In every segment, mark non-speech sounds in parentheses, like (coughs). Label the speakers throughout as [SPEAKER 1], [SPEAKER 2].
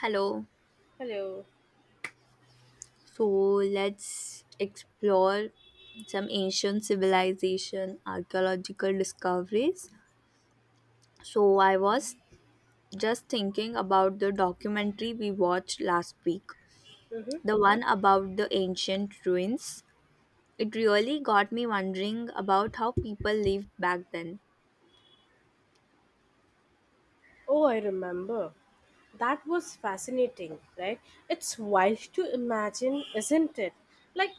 [SPEAKER 1] Hello.
[SPEAKER 2] Hello.
[SPEAKER 1] So let's explore some ancient civilization archaeological discoveries. So I was just thinking about the documentary we watched last week,
[SPEAKER 2] hmm
[SPEAKER 1] the one about the ancient ruins. It really got me wondering about how people lived back then.
[SPEAKER 2] Oh, I remember. That was fascinating, right? It's wild to imagine, isn't it? Like,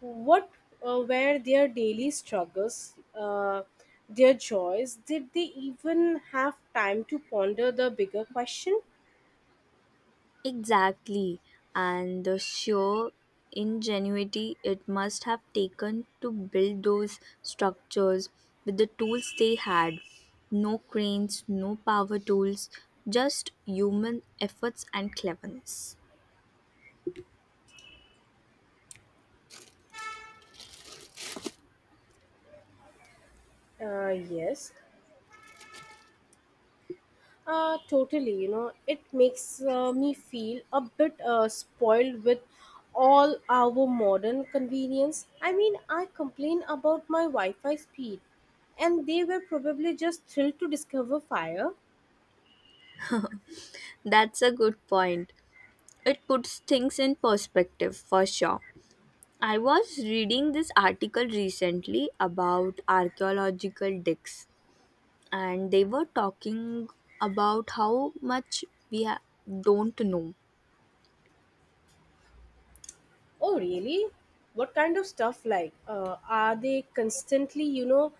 [SPEAKER 2] what uh, were their daily struggles, uh, their joys? Did they even have time to ponder the bigger question?
[SPEAKER 1] Exactly, and the sheer ingenuity it must have taken to build those structures with the tools they had. No cranes, no power tools, just human efforts and cleverness.
[SPEAKER 2] Uh, yes, totally, you know, it makes me feel a bit spoiled with all our modern convenience. I mean, I complain about my Wi Fi speed, and they were probably just thrilled to discover fire.
[SPEAKER 1] That's a good point. It puts things in perspective for sure. I was reading this article recently about archaeological digs and they were talking about how much we ha- don't know.
[SPEAKER 2] Oh, really? What kind of stuff like? Are they constantly, you know,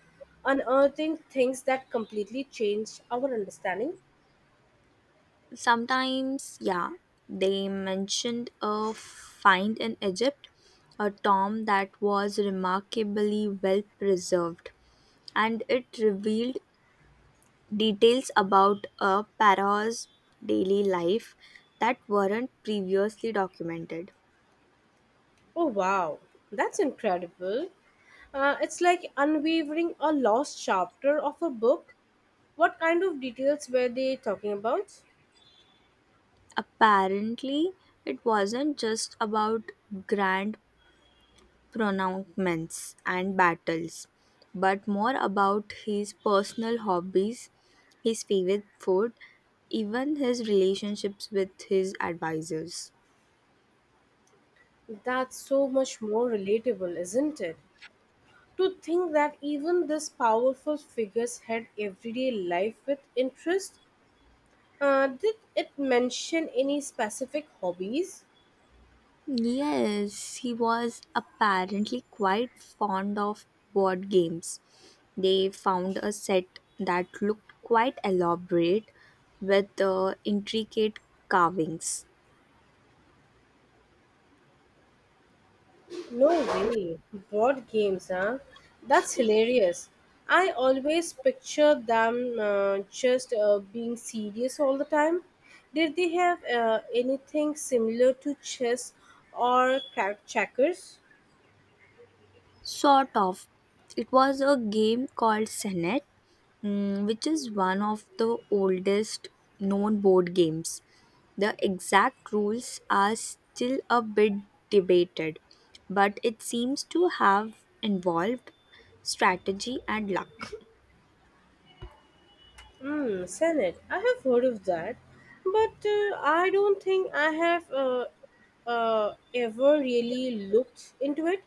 [SPEAKER 2] unearthing things that completely change our understanding?
[SPEAKER 1] Sometimes, yeah, they mentioned a find in Egypt, a tomb that was remarkably well preserved, and it revealed details about a pharaoh's daily life that weren't previously documented.
[SPEAKER 2] Oh, wow. That's incredible. It's like unwavering a lost chapter of a book. What kind of details were they talking about?
[SPEAKER 1] Apparently, it wasn't just about grand pronouncements and battles, but more about his personal hobbies, his favorite food, even his relationships with his advisors.
[SPEAKER 2] That's so much more relatable, isn't it? To think that even these powerful figures had everyday life with interest. Did it mention any specific hobbies?
[SPEAKER 1] Yes, he was apparently quite fond of board games. They found a set that looked quite elaborate with intricate carvings.
[SPEAKER 2] No way. Board games, huh? That's hilarious. I always picture them just being serious all the time. Did they have anything similar to chess or crack checkers?
[SPEAKER 1] Sort of. It was a game called Senet. Which is one of the oldest known board games. The exact rules are still a bit debated, but it seems to have involved strategy and luck.
[SPEAKER 2] Hmm, Senate. I have heard of that, but I don't think I have ever really looked into it.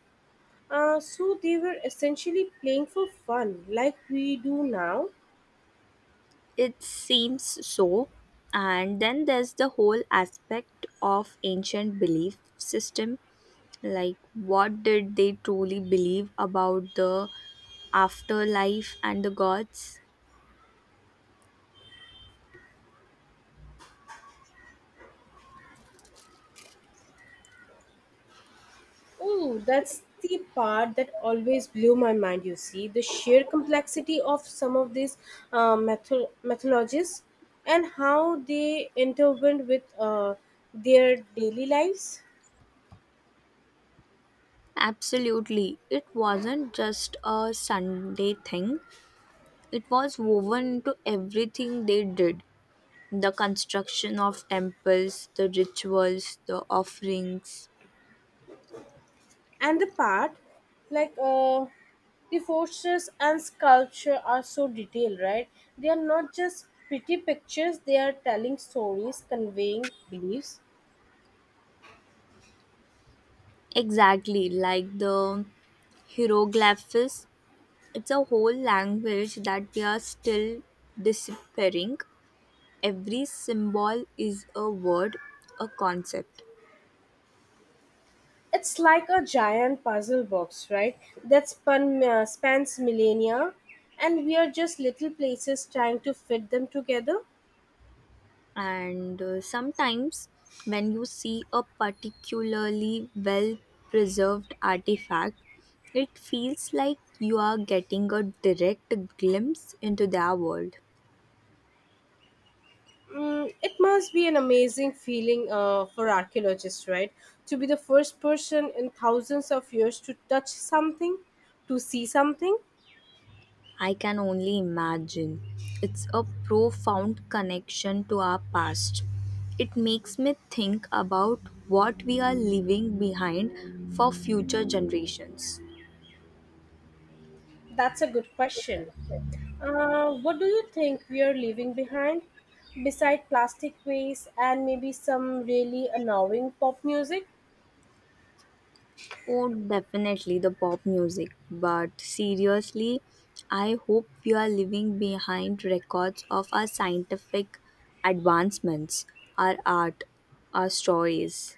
[SPEAKER 2] So they were essentially playing for fun, like we do now.
[SPEAKER 1] It seems so. And then there's the whole aspect of ancient belief system, like what did they truly believe about the afterlife and the gods?
[SPEAKER 2] Oh, that's the part that always blew my mind, you see, the sheer complexity of some of these methodologies and how they intertwined with their daily lives.
[SPEAKER 1] Absolutely. It wasn't just a Sunday thing, it was woven into everything they did: the construction of temples, the rituals, the offerings.
[SPEAKER 2] And the part, like the forces and sculpture are so detailed, right? They are not just pretty pictures, they are telling stories, conveying beliefs.
[SPEAKER 1] Exactly, like the hieroglyphs. It's a whole language that we are still disappearing. Every symbol is a word, a concept.
[SPEAKER 2] It's like a giant puzzle box, right? That spans millennia, and we are just little places trying to fit them together.
[SPEAKER 1] And sometimes when you see a particularly well preserved artifact, it feels like you are getting a direct glimpse into their world.
[SPEAKER 2] Mm, it must be an amazing feeling for archaeologists, right? To be the first person in thousands of years to touch something, to see something.
[SPEAKER 1] I can only imagine it's a profound connection to our past. It makes me think about what we are leaving behind for future generations.
[SPEAKER 2] That's a good question. What do you think we are leaving behind? Beside plastic waste and maybe some really annoying pop music?
[SPEAKER 1] Oh, definitely the pop music. But seriously, I hope we are leaving behind records of our scientific advancements, our art, our stories.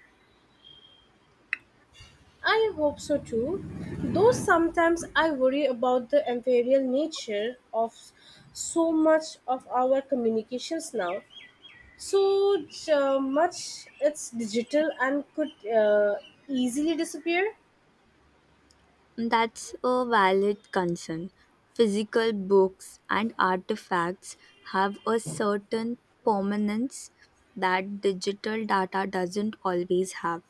[SPEAKER 2] I hope so too, though sometimes I worry about the imperial nature of so much of our communications now. So much it's digital and could easily disappear.
[SPEAKER 1] That's a valid concern. Physical books and artifacts have a certain permanence that digital data doesn't always have.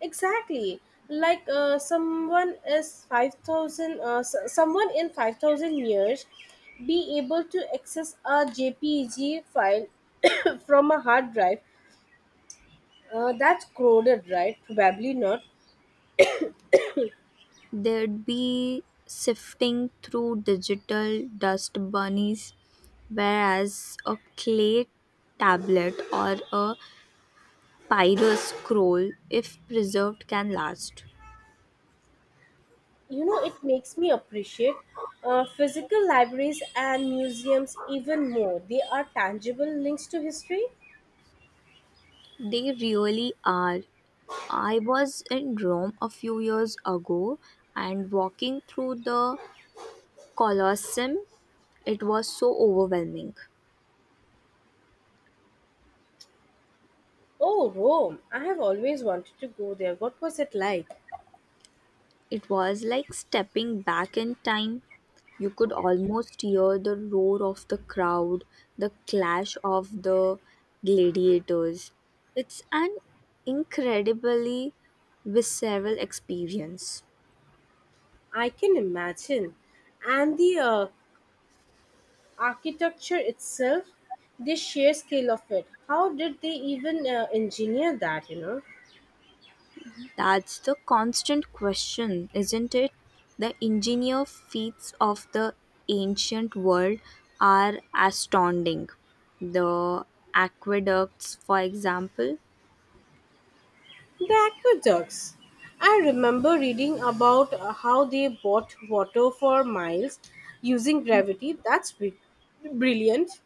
[SPEAKER 2] Exactly, someone in 5,000 years, be able to access a JPG file (coughs) from a hard drive. That's crowded, right? Probably not.
[SPEAKER 1] They'd be sifting through digital dust bunnies, whereas a clay tablet or a papyrus scroll, if preserved, can last.
[SPEAKER 2] You know, it makes me appreciate physical libraries and museums even more. They are tangible links to history.
[SPEAKER 1] They really are. I was in Rome a few years ago and walking through the Colosseum, it was so overwhelming.
[SPEAKER 2] Oh, Rome, I have always wanted to go there. What was it like?
[SPEAKER 1] It was like stepping back in time. You could almost hear the roar of the crowd, the clash of the gladiators. It's an incredibly visceral experience.
[SPEAKER 2] I can imagine. And the architecture itself, the sheer scale of it, how did they even engineer that, you know?
[SPEAKER 1] That's the constant question, isn't it? The engineer feats of the ancient world are astounding. The aqueducts, for example.
[SPEAKER 2] The aqueducts. I remember reading about how they bought water for miles using gravity. That's brilliant.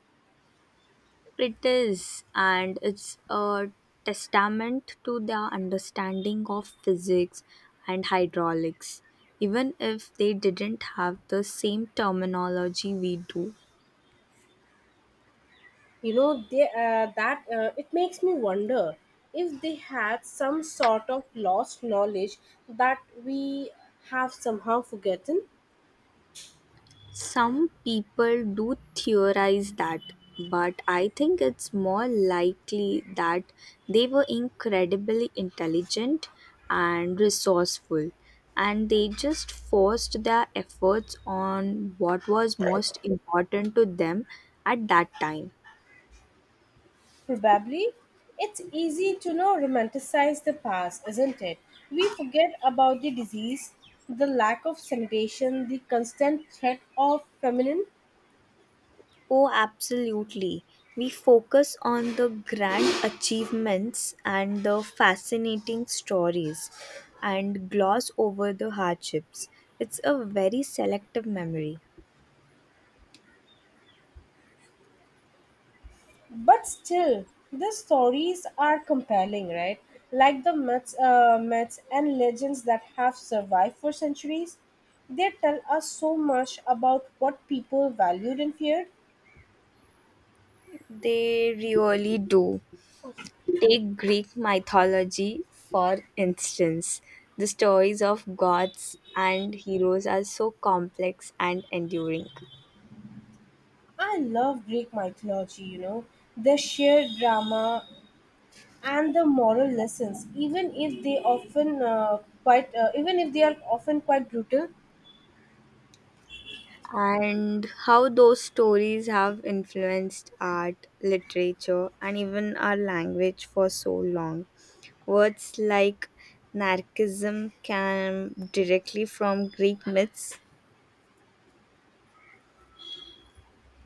[SPEAKER 1] It is, and it's a testament to their understanding of physics and hydraulics, even if they didn't have the same terminology we do.
[SPEAKER 2] You know, they, that it makes me wonder if they had some sort of lost knowledge that we have somehow forgotten.
[SPEAKER 1] Some people do theorize that, but I think it's more likely that they were incredibly intelligent and resourceful, and they just forced their efforts on what was most important to them at that time.
[SPEAKER 2] Probably. It's easy to know romanticize the past, isn't it? We forget about the disease, the lack of sanitation, the constant threat of famine.
[SPEAKER 1] Oh, absolutely. We focus on the grand achievements and the fascinating stories and gloss over the hardships. It's a very selective memory.
[SPEAKER 2] But still, the stories are compelling, right? Like the myths and legends that have survived for centuries, they tell us so much about what people valued and feared.
[SPEAKER 1] They really do. Take Greek mythology, for instance. The stories of gods and heroes are so complex and enduring.
[SPEAKER 2] I love Greek mythology, you know, the sheer drama and the moral lessons even if they are often quite brutal.
[SPEAKER 1] And how those stories have influenced art, literature, and even our language for so long. Words like narcissism came directly from Greek myths.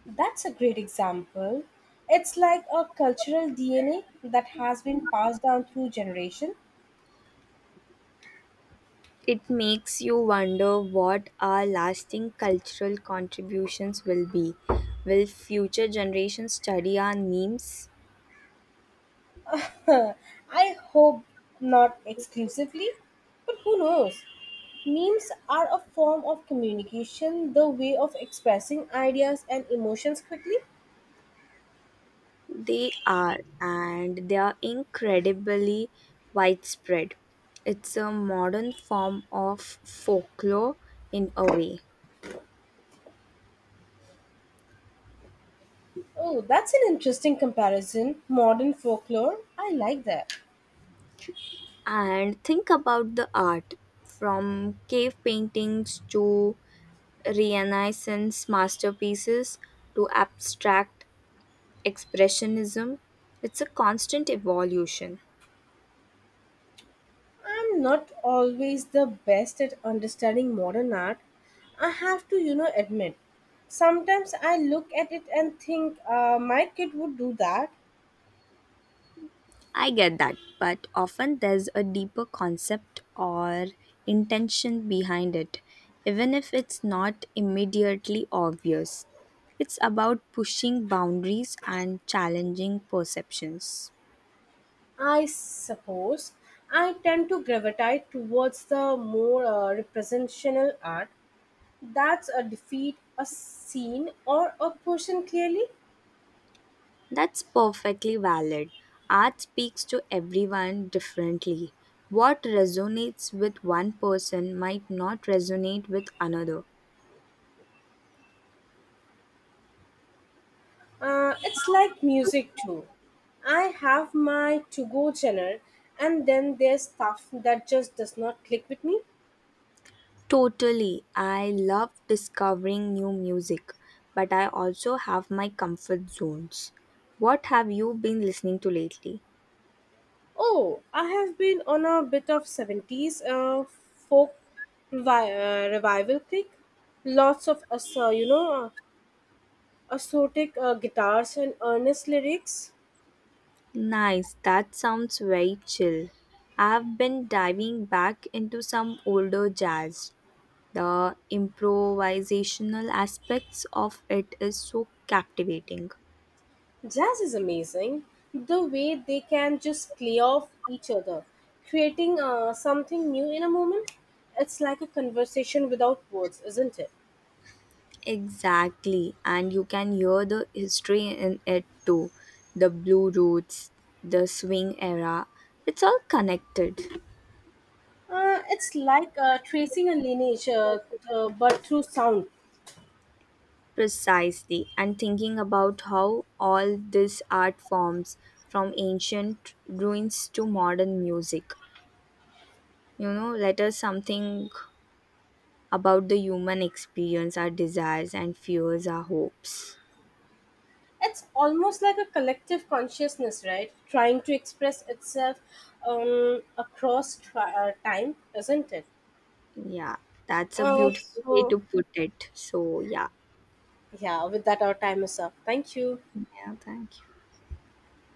[SPEAKER 2] That's a great example. It's like a cultural DNA that has been passed down through generation.
[SPEAKER 1] It makes you wonder what our lasting cultural contributions will be. Will future generations study our memes?
[SPEAKER 2] (laughs) I hope not exclusively, but who knows? Memes are a form of communication, the way of expressing ideas and emotions quickly.
[SPEAKER 1] They are, and they are incredibly widespread. It's a modern form of folklore in a way.
[SPEAKER 2] Oh, that's an interesting comparison. Modern folklore, I like that.
[SPEAKER 1] And think about the art, from cave paintings to Renaissance masterpieces to abstract expressionism. It's a constant evolution.
[SPEAKER 2] I'm not always the best at understanding modern art. I have to, you know, admit. Sometimes I look at it and think my kid would do that.
[SPEAKER 1] I get that, but often there's a deeper concept or intention behind it, even if it's not immediately obvious. It's about pushing boundaries and challenging perceptions.
[SPEAKER 2] I suppose I tend to gravitate towards the more representational art. That's a defeat, a scene, or a person clearly.
[SPEAKER 1] That's perfectly valid. Art speaks to everyone differently. What resonates with one person might not resonate with another.
[SPEAKER 2] It's like music too. I have my to go channel, and then there's stuff that just does not click with me.
[SPEAKER 1] Totally. I love discovering new music, but I also have my comfort zones. What have you been listening to lately?
[SPEAKER 2] Oh, I have been on a bit of 70s folk revival kick. Lots of, us- so, you know, assortic guitars and earnest lyrics.
[SPEAKER 1] Nice. That sounds very chill. I've been diving back into some older jazz. The improvisational aspects of it is so captivating.
[SPEAKER 2] Jazz is amazing. The way they can just play off each other, creating something new in a moment. It's like a conversation without words, isn't it?
[SPEAKER 1] Exactly, and you can hear the history in it too. The Blue Roots, the swing era, it's all connected.
[SPEAKER 2] It's like tracing a lineage, but through sound.
[SPEAKER 1] Precisely, and thinking about how all these art forms, from ancient ruins to modern music, you know, let us something about the human experience, our desires and fears, our hopes.
[SPEAKER 2] It's almost like a collective consciousness, right? Trying to express itself across time, isn't it?
[SPEAKER 1] Yeah, that's a
[SPEAKER 2] Uh,
[SPEAKER 1] beautiful way
[SPEAKER 2] so,
[SPEAKER 1] to put it. So, yeah.
[SPEAKER 2] yeah, with that, our time is up. Thank you.
[SPEAKER 1] Yeah, thank you.